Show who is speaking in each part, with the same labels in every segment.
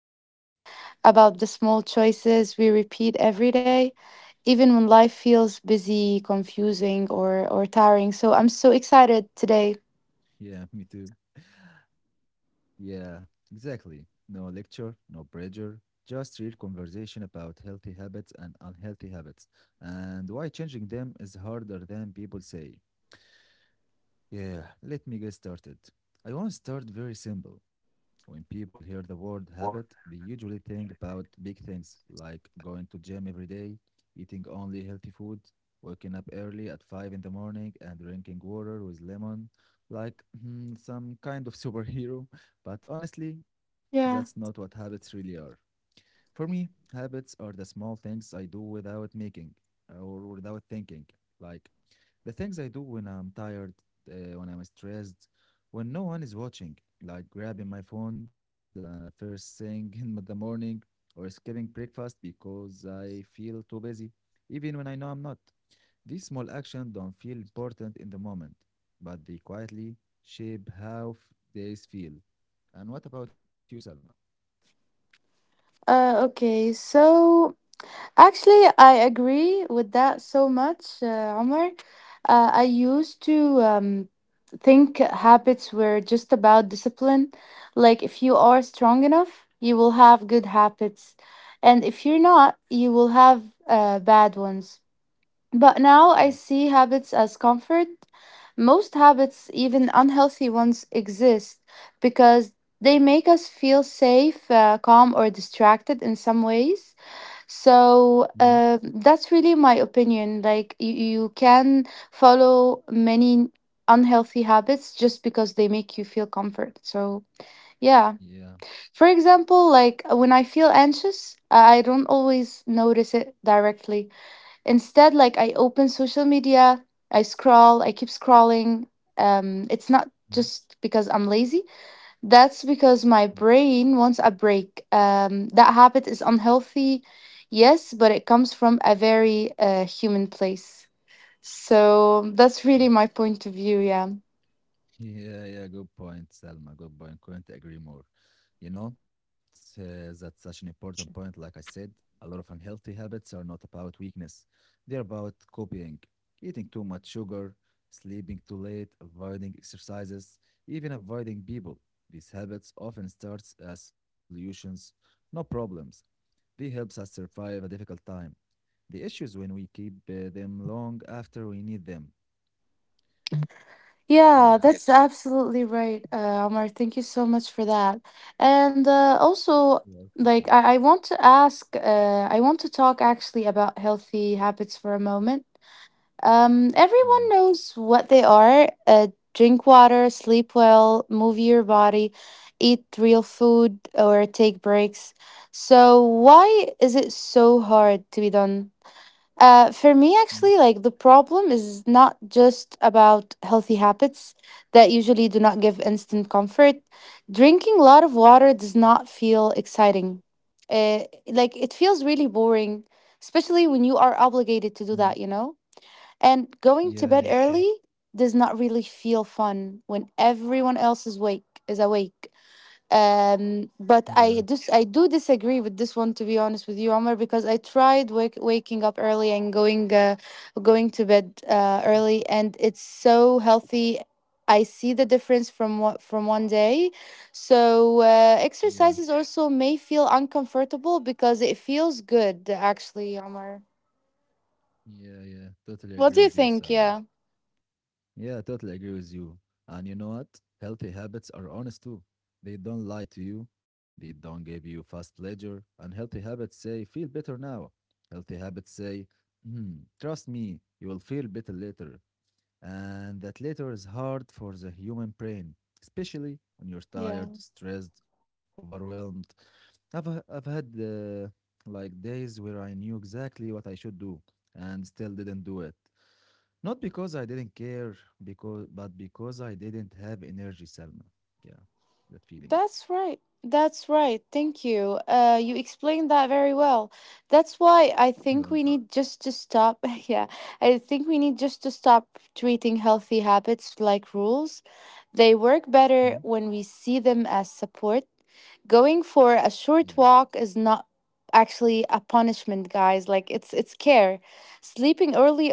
Speaker 1: human, about the small choices we repeat every day, even when life feels busy, confusing, or tiring. So I'm so excited today.
Speaker 2: Yeah, me too. Yeah, exactly. No lecture, no pressure, just real conversation about healthy habits and unhealthy habits and why changing them is harder than people say. Yeah, let me get started. I want to start very simple. When people hear the word habit, they usually think about big things like going to gym every day, eating only healthy food, waking up early at 5 in the morning and drinking water with lemon, like some kind of superhero. But honestly, that's not
Speaker 1: Yeah.
Speaker 2: what habits really are. For me, habits are the small things I do without making or without thinking. Like the things I do when I'm tired, when I'm stressed, when no one is watching, like grabbing my phone the first thing in the morning or skipping breakfast because I feel too busy, even when I know I'm not. These small actions don't feel important in the moment, but they quietly shape how days feel. And what about you, Salma?
Speaker 1: Okay, so actually, I agree with that so much, Omar. I used to. Think habits were just about discipline. Like, if you are strong enough, you will have good habits. And if you're not, you will have bad ones. But now I
Speaker 2: Yeah.
Speaker 1: see habits as comfort. Most habits, even unhealthy ones, exist because they make us feel safe, calm, or distracted in some ways. So
Speaker 2: Hmm.
Speaker 1: that's really my opinion. Like you can follow many unhealthy habits just because they make you feel comfort. So yeah.
Speaker 2: Yeah.
Speaker 1: For example, like when I feel anxious, I don't always notice it directly. Instead, like I open social media, I scroll, I keep scrolling. It's not
Speaker 2: Hmm.
Speaker 1: just because I'm lazy, that's because my
Speaker 2: Mm.
Speaker 1: brain wants a break. That habit is unhealthy, yes, but it comes from a very human place. So that's
Speaker 2: Yeah.
Speaker 1: really my point of view, yeah.
Speaker 2: Yeah, yeah, good point, Selma. Good point. Couldn't agree more. You know, that's such an important point. Like I said, a lot of unhealthy habits are not about weakness, they're about copying, eating too much sugar, sleeping too late, avoiding exercises, even avoiding people. These habits often start as solutions, not problems. They helps us survive a difficult time. The issue is when we keep them long after we need them. Yeah.
Speaker 1: Yeah, that's absolutely right, Omar. Thank you so much for that. And
Speaker 2: You're
Speaker 1: also,
Speaker 2: welcome, Selma.
Speaker 1: like, I want to ask, I want to talk actually about healthy habits for a moment. Everyone
Speaker 2: Yeah.
Speaker 1: knows what they are. Drink water, sleep well, move your body, eat real food, or take breaks. So, why is it so hard to be done? For me,
Speaker 2: Mm-hmm.
Speaker 1: actually, like the problem is not just about healthy habits that usually do not give instant comfort. Drinking a lot of water does not feel exciting. Like it feels really boring, especially when you are obligated to do
Speaker 2: Mhm.
Speaker 1: that, you know? And going to
Speaker 2: Yeah,
Speaker 1: bed
Speaker 2: yeah, of course.
Speaker 1: early does not really feel fun when everyone else is awake.
Speaker 2: Yeah,
Speaker 1: But I do disagree with this one to be honest with you, Omar, because I tried waking up early and going going to bed early, and it's so healthy. I see the difference from what from one day. So
Speaker 2: yeah,
Speaker 1: exercises also may feel uncomfortable because it feels good actually, Omar.
Speaker 2: yeah, yeah. Totally
Speaker 1: What
Speaker 2: agree
Speaker 1: do you
Speaker 2: with you,
Speaker 1: think?
Speaker 2: Salma.
Speaker 1: Yeah.
Speaker 2: Yeah, totally agree with you. And you know what? Healthy habits are honest too. They don't lie to you, they don't give you fast pleasure. And healthy habits say, feel better now. Healthy habits say, trust me, you will feel better later. And that later is hard for the human brain, especially when you're
Speaker 1: Yeah.
Speaker 2: tired, stressed, overwhelmed. I've had like days where I knew exactly what I should do and still didn't do it. Not because I didn't care, because but because I didn't have energy, Selma. Yeah, that feeling.
Speaker 1: That's right. That's right. Thank you. You explained that very well. That's why I
Speaker 2: You are
Speaker 1: think we
Speaker 2: welcome.
Speaker 1: need just to stop. Yeah, I think we need just to stop treating healthy habits like rules. They work better
Speaker 2: Hmm?
Speaker 1: when we see them as support. Going for a
Speaker 2: Yeah.
Speaker 1: short walk is not actually a punishment, guys. Like it's care. Sleeping early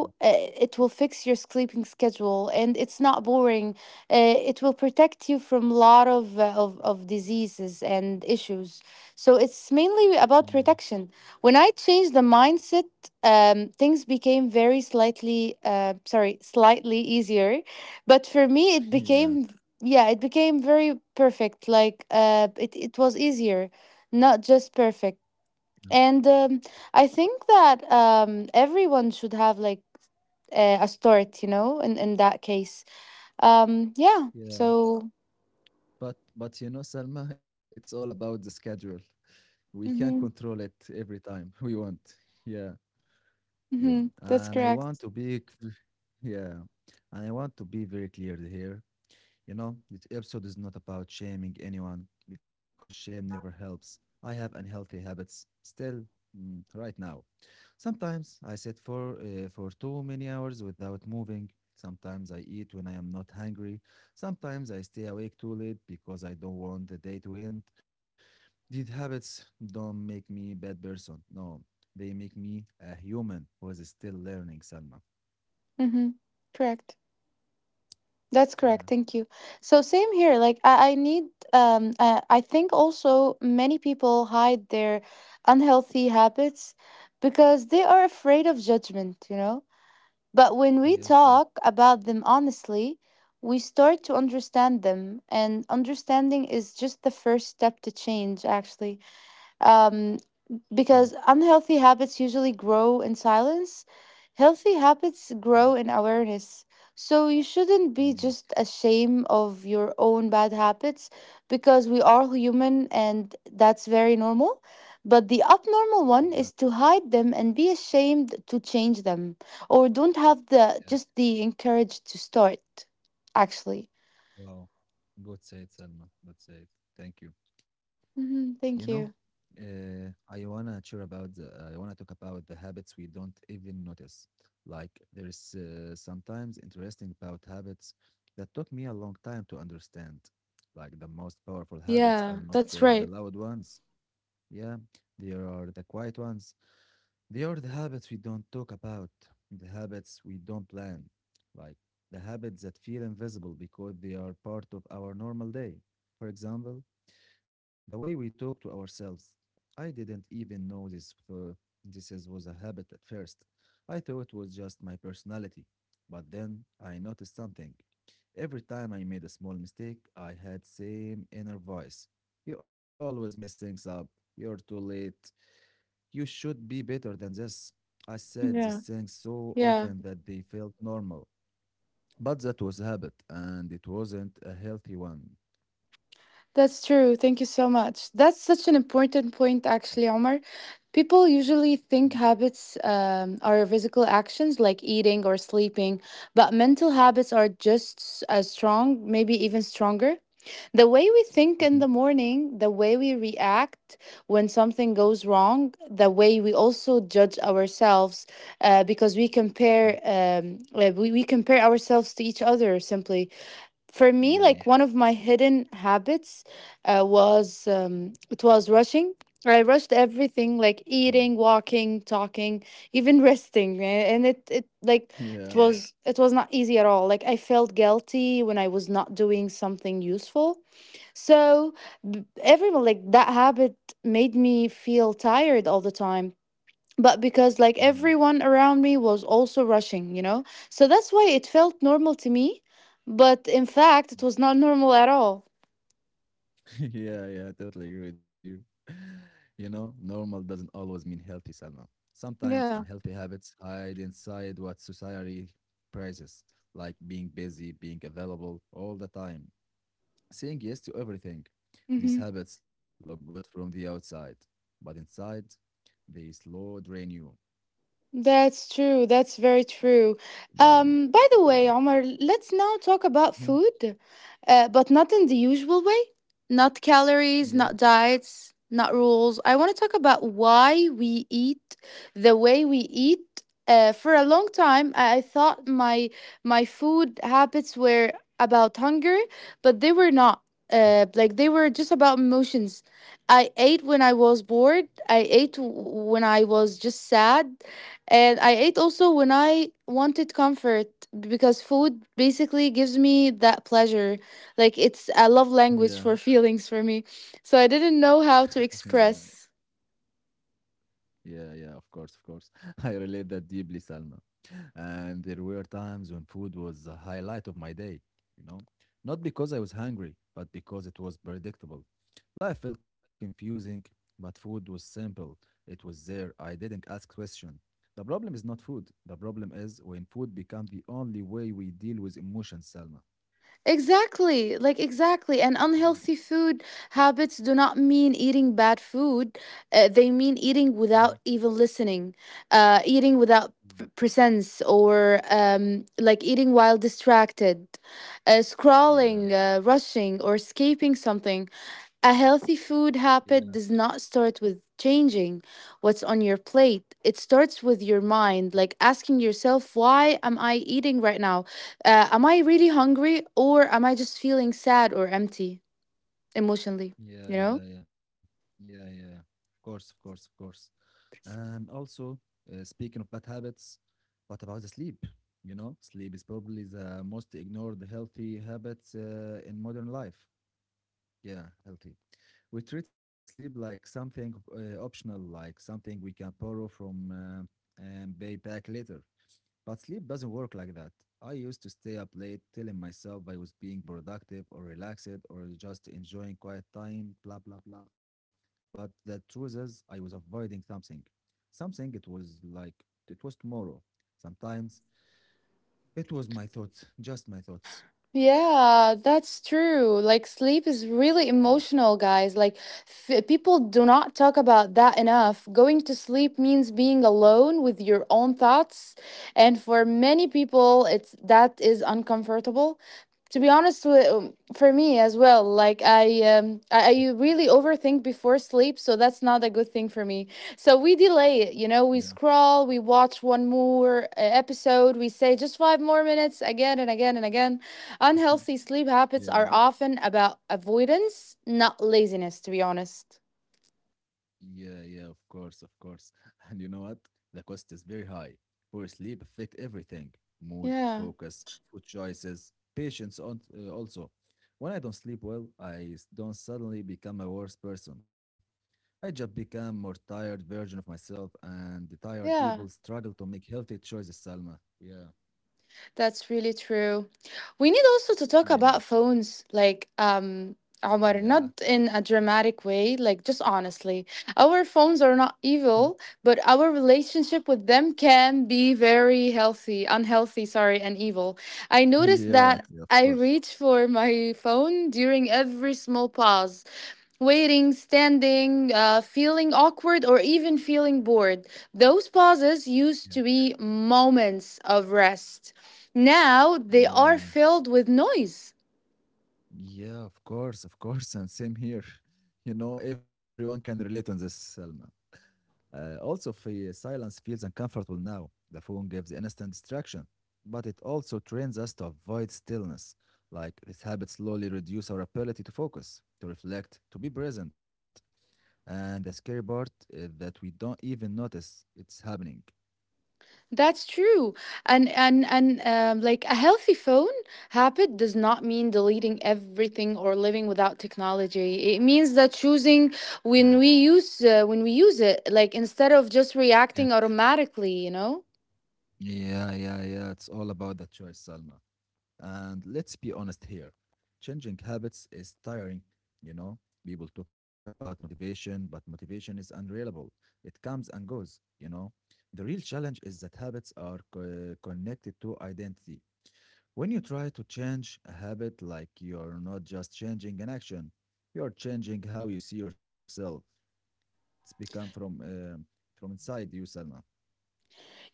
Speaker 2: Yeah.
Speaker 1: it will fix your sleeping schedule, and it's not boring it will protect you from a lot of, of diseases and issues. So it's mainly about protection. When I changed the mindset, things became very slightly , sorry, slightly easier, but for me it
Speaker 2: Yeah.
Speaker 1: became yeah it became very perfect. Like it was easier, not just perfect.
Speaker 2: Yeah.
Speaker 1: And I
Speaker 2: But,
Speaker 1: think that everyone should have like a start, you know, in that case. Yeah.
Speaker 2: yeah.
Speaker 1: So
Speaker 2: But you know, Selma, it's all about the schedule. We can control
Speaker 1: mm-hmm.
Speaker 2: it every time we want. Yeah,
Speaker 1: Mm-hmm.
Speaker 2: you.
Speaker 1: That's correct.
Speaker 2: Yeah, and I want to be very clear here. You know, this episode is not about shaming anyone because shame never helps. I have unhealthy habits still right now. Sometimes I sit for too many hours without moving. Sometimes I eat when I am not hungry. Sometimes I stay awake too late because I don't want the day to end. These habits don't make me a bad person. No, they make me a human who is still learning, Salma.
Speaker 1: Mm-hmm. Correct. That's
Speaker 2: Yeah,
Speaker 1: correct. Thank you. So same here. Like I need I. I think also many people hide their unhealthy habits because they are afraid of judgment, you know? But when we
Speaker 2: yeah, fuck.
Speaker 1: talk about them honestly, we start to understand them and understanding is just the first step to change actually. Um
Speaker 2: Yeah,
Speaker 1: because unhealthy habits usually grow in silence. Healthy habits
Speaker 2: mhm,
Speaker 1: grow in awareness. So you shouldn't be
Speaker 2: yeah,
Speaker 1: just ashamed of your own bad habits because we are human and that's very normal. But the abnormal
Speaker 2: yeah,
Speaker 1: one is to hide them and be ashamed to change them or don't have the
Speaker 2: yeah.
Speaker 1: just the encourage to start actually.
Speaker 2: Wow. Good said, Salma. Good said. Thank you. You
Speaker 1: Mhm,
Speaker 2: know,
Speaker 1: thank you.
Speaker 2: I wanna talk about the habits we don't even notice. Like there is sometimes interesting about habits that took me a long time to understand. Like the most powerful habits are
Speaker 1: Yeah,
Speaker 2: not
Speaker 1: that's
Speaker 2: the
Speaker 1: right.
Speaker 2: loud ones. Yeah, there are the quiet ones. They are the habits we don't talk about, the habits we don't plan, like the habits that feel invisible because they are part of our normal day. For example, the way we talk to ourselves. I didn't even know this was a habit at first. I thought it was just my personality. But then I noticed something. Every time I made a small mistake, I had same inner voice. You always mess things up. You're too late. You should be better than this. I said these
Speaker 1: Yeah.
Speaker 2: things so
Speaker 1: Yeah.
Speaker 2: often that they felt normal. But that was a habit and it wasn't a healthy one.
Speaker 1: That's true. Thank you so much. That's such an important point, actually, Omar. People usually
Speaker 2: Mhm,
Speaker 1: think habits are physical actions like eating or sleeping, but mental habits are just as strong, maybe even stronger. The way we think in
Speaker 2: mhm,
Speaker 1: the morning, the way we react when something goes wrong, the way we also judge ourselves, because we
Speaker 2: mhm.
Speaker 1: compare we compare ourselves to each other simply. For me,
Speaker 2: Yeah.
Speaker 1: like one of my hidden habits was it was rushing. I rushed everything, like
Speaker 2: Mm-hmm.
Speaker 1: eating, walking, talking, even resting, and it, it like it
Speaker 2: Yeah.
Speaker 1: was it was not easy at all. Like I felt guilty when I was not doing something useful. So everyone, like that habit made me feel tired all the time, but because like
Speaker 2: Mm.
Speaker 1: everyone around me was also rushing, you know? So that's why it felt normal to me, but in fact, it was not normal at all.
Speaker 2: Yeah, yeah, I totally agree with you. You know, normal doesn't always mean healthy, Salma. Sometimes
Speaker 1: Yeah.
Speaker 2: unhealthy habits hide inside what society praises, like being busy, being available all the time, saying yes to everything. These
Speaker 1: Hmm.
Speaker 2: habits look good from the outside, but inside, they slow drain you.
Speaker 1: That's true. That's very true.
Speaker 2: Yeah.
Speaker 1: By the way,
Speaker 2: Yeah.
Speaker 1: Omar, let's now talk about
Speaker 2: Mhm.
Speaker 1: food, but not in the usual way. Not calories,
Speaker 2: Yeah.
Speaker 1: not diets, not rules. I want to talk about why we eat the way we eat. For a long time, I thought my food habits were about hunger, but they were not. Like they were just about emotions. I ate when I was bored. I ate when I was just sad. And I ate also when I wanted comfort because food basically gives me that pleasure. Like it's a love language
Speaker 2: Yeah.
Speaker 1: for feelings for me. So I didn't know how to
Speaker 2: Yeah.
Speaker 1: express.
Speaker 2: Yeah, yeah, of course, of course. I relate that deeply, Salma. And there were times when food was the highlight of my day, you know? Not because I was hungry, but because it was predictable. Life felt confusing, but food was simple. It was there. I didn't ask questions. The problem is not food. The problem is when food becomes the only way we deal with emotions, Salma.
Speaker 1: Exactly, like exactly. And
Speaker 2: Mm,
Speaker 1: unhealthy food habits do not mean eating bad food. They mean eating
Speaker 2: mhm,
Speaker 1: without even listening, eating without
Speaker 2: mm.
Speaker 1: presence, or like eating while distracted,
Speaker 2: Yeah,
Speaker 1: scrawling, rushing, or escaping something. A healthy food
Speaker 2: yeah.
Speaker 1: habit does not start with changing what's on your plate. It starts with your mind, like asking yourself, why am I eating right now? Am I really hungry or am I just feeling sad or empty emotionally?
Speaker 2: Yeah,
Speaker 1: You know?
Speaker 2: yeah, yeah. Yeah, yeah, yeah. Of course, of course, of course. And also, speaking of bad habits, what about the sleep? You know, sleep is probably the most ignored healthy habit in modern life. Yeah, healthy. We treat sleep like something optional, like something we can borrow from and pay back later. But sleep doesn't work like that. I used to stay up late telling myself I was being productive or relaxed or just enjoying quiet time, blah, blah, blah. But the truth is, I was avoiding something. Something it was like, it was tomorrow. Sometimes it was my thoughts, just my thoughts.
Speaker 1: Yeah, that's true. Like sleep is really
Speaker 2: Yeah,
Speaker 1: emotional, guys. Like people do not talk about that enough. Going to sleep means being alone with your own thoughts, and for many people, it's that is uncomfortable. To be honest, for me as well, like I really overthink before sleep, so that's not a good thing for me. So we delay it, you know.
Speaker 2: yeah,
Speaker 1: We scroll, we watch one more episode, we say just five more minutes again and again and again. Unhealthy sleep habits
Speaker 2: yeah.
Speaker 1: are often about avoidance, not laziness, to be honest.
Speaker 2: Yeah, yeah, of course, of course. And you know what? The cost is very high. Poor sleep affect everything: mood,
Speaker 1: Yeah,
Speaker 2: focus, food choices, patience. On also, when I don't sleep well, I don't suddenly become a worse person. I just become more tired version of myself, and the tired people
Speaker 1: yeah,
Speaker 2: struggle to make healthy choices, Salma. Yeah,
Speaker 1: that's really true. We need also to talk
Speaker 2: yeah,
Speaker 1: about phones, like, Omar,
Speaker 2: yeah,
Speaker 1: not in a dramatic way, like, just honestly. Our phones are not evil, but our relationship with them can be very unhealthy, and evil. I noticed
Speaker 2: yeah,
Speaker 1: that
Speaker 2: yeah. Of
Speaker 1: I
Speaker 2: course.
Speaker 1: reach for my phone during every small pause, waiting, standing, feeling awkward, or even feeling bored. Those pauses used
Speaker 2: Yeah,
Speaker 1: to be moments of rest. Now they are
Speaker 2: yeah.
Speaker 1: filled with noise.
Speaker 2: Yeah, of course, and same here. You know, everyone can relate on this, Selma. Also, if silence feels uncomfortable now, the phone gives instant distraction, but it also trains us to avoid stillness. Like this habit slowly reduce our ability to focus, to reflect, to be present. And the scary part is that we don't even notice it's happening.
Speaker 1: That's true. And like a healthy phone habit does not mean deleting everything or living without technology. It means that choosing
Speaker 2: Yeah,
Speaker 1: when we use it, like instead of just
Speaker 2: yeah,
Speaker 1: reacting automatically, you know?
Speaker 2: yeah, yeah, yeah. It's all about the choice, Salma. And let's be honest here, changing habits is tiring, you know? People talk about motivation, but motivation is unreliable. It comes and goes, you know? The real challenge is that habits are connected to identity. When you try to change a habit, like you're not just changing an action, you're changing how you see yourself. It's become from inside you, Selma.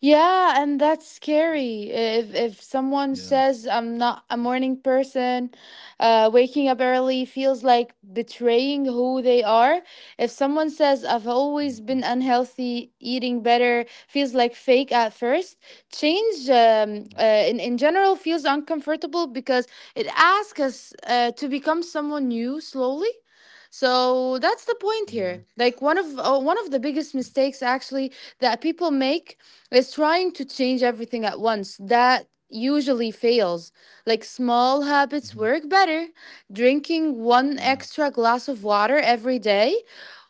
Speaker 1: Yeah, and that's scary. If someone
Speaker 2: Yeah.
Speaker 1: says I'm not a morning person, waking up early feels like betraying who they are. If someone says I've
Speaker 2: Mhm.
Speaker 1: always been unhealthy, eating better feels like fake at first. Change
Speaker 2: Mm.
Speaker 1: in general feels uncomfortable because it asks us to become someone new slowly. So that's the
Speaker 2: Yeah.
Speaker 1: point here. Like one of the
Speaker 2: Mm.
Speaker 1: biggest mistakes actually that people make is trying to change everything at once. That usually fails. Like small habits
Speaker 2: Mhm.
Speaker 1: work better. Drinking one
Speaker 2: Yeah.
Speaker 1: extra glass of water every day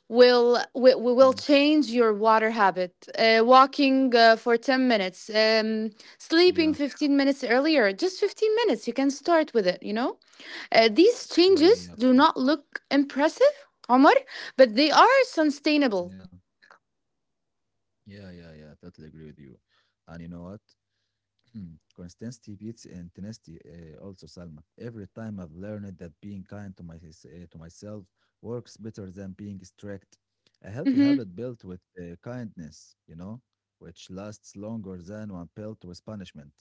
Speaker 2: Mm.
Speaker 1: we will change your water habit, walking for 10 minutes, sleeping
Speaker 2: Yeah.
Speaker 1: 15 minutes earlier, just 15 minutes you can start with it, you know, these
Speaker 2: Yeah.
Speaker 1: changes
Speaker 2: Yeah. Of
Speaker 1: do
Speaker 2: course.
Speaker 1: not look impressive, Omar, but they are
Speaker 2: Yeah,
Speaker 1: sustainable.
Speaker 2: yeah, yeah, yeah. Totally agree with you. And you know what? Consistency beats intensity. Also, Salma. Every time I've learned that being kind to myself works better than being strict. A healthy habit built with kindness, you know, which lasts longer than one built with punishment.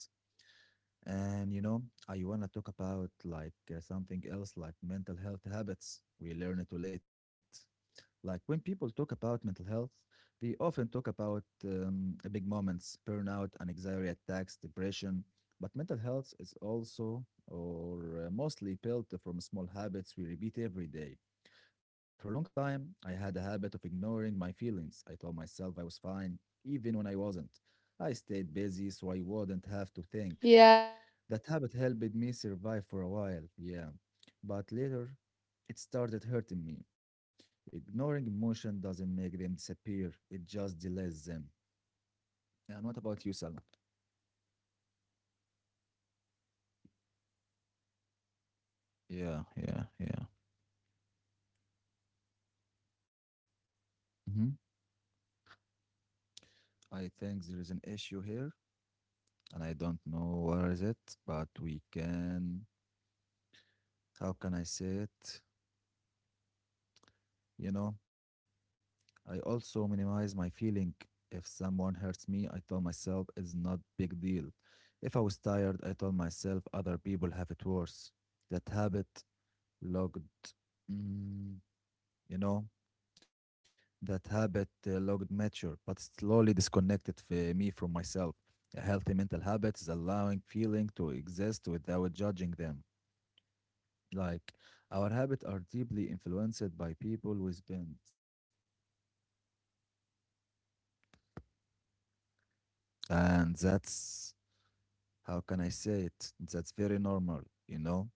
Speaker 2: And you know, I wanna talk about like something else, like mental health habits. We learn it too late. Like when people talk about mental health, they often talk about big moments, burnout, anxiety attacks, depression. But mental health is also or mostly built from small habits we repeat every day. For a long time, I had a habit of ignoring my feelings. I told myself I was fine, even when I wasn't. I stayed busy so I wouldn't have to think. That habit helped me survive for a while, yeah. But later, it started hurting me. Ignoring emotion doesn't make them disappear, it just delays them. And what about you, Salma? Yeah, yeah, yeah. Hmm. I think there is an issue here, and I don't know what is it, but we can. How can I say it? You know, I also minimize my feeling. If someone hurts me, I tell myself it's not big deal. If I was tired, I told myself other people have it worse. That habit logged, mm, you know, that habit logged mature, but slowly disconnected me from myself. A healthy mental habit is allowing feeling to exist without judging them. Like our habits are deeply influenced by people we spend, and that's how can I say it? That's very normal, you know?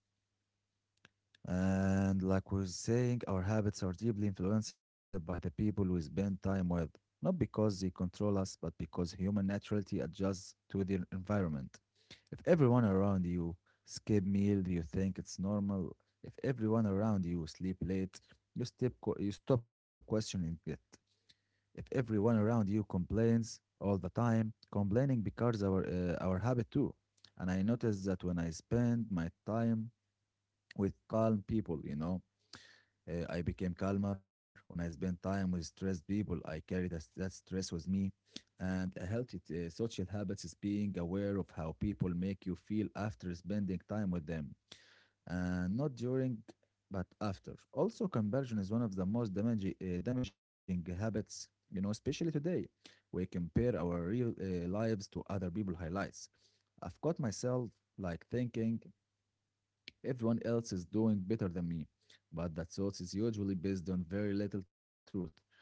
Speaker 2: And like we're saying, our habits are deeply influenced by the people we spend time with, not because they control us, but because human naturality adjusts to their environment. If everyone around you skip meal, you think it's normal. If everyone around you sleep late, you, step, you stop questioning it. If everyone around you complains all the time, complaining becomes our habit too. And I noticed that when I spend my time with calm people, I became calmer. When I spend time with stressed people, I carry that stress with me. And a healthy social habits is being aware of how people make you feel after spending time with them, not during but after. Also, comparison is one of the most damaging habits, you know, especially today. We compare our real lives to other people's highlights. I've caught myself like thinking everyone else is doing better than me, but that thought is usually based on very little truth.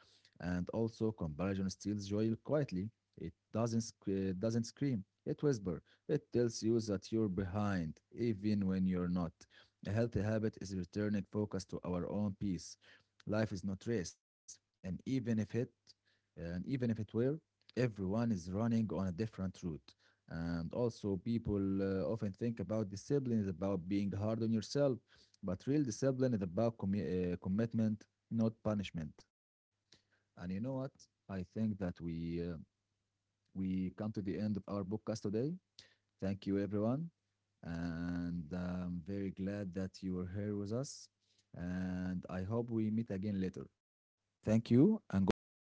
Speaker 2: And also, comparison steals joy quietly. It doesn't scream. It whispers. It tells you that you're behind, even when you're not. A healthy habit is returning focus to our own peace. Life is not race, and even if it were, everyone is running on a different route. And also, people often think about discipline is about being hard on yourself, but real discipline is about commitment, not punishment. And you know what? I think that we come to the end of our podcast today. Thank you, everyone, and I'm very glad that you were here with us. And I hope we meet again later. Thank you and goodbye.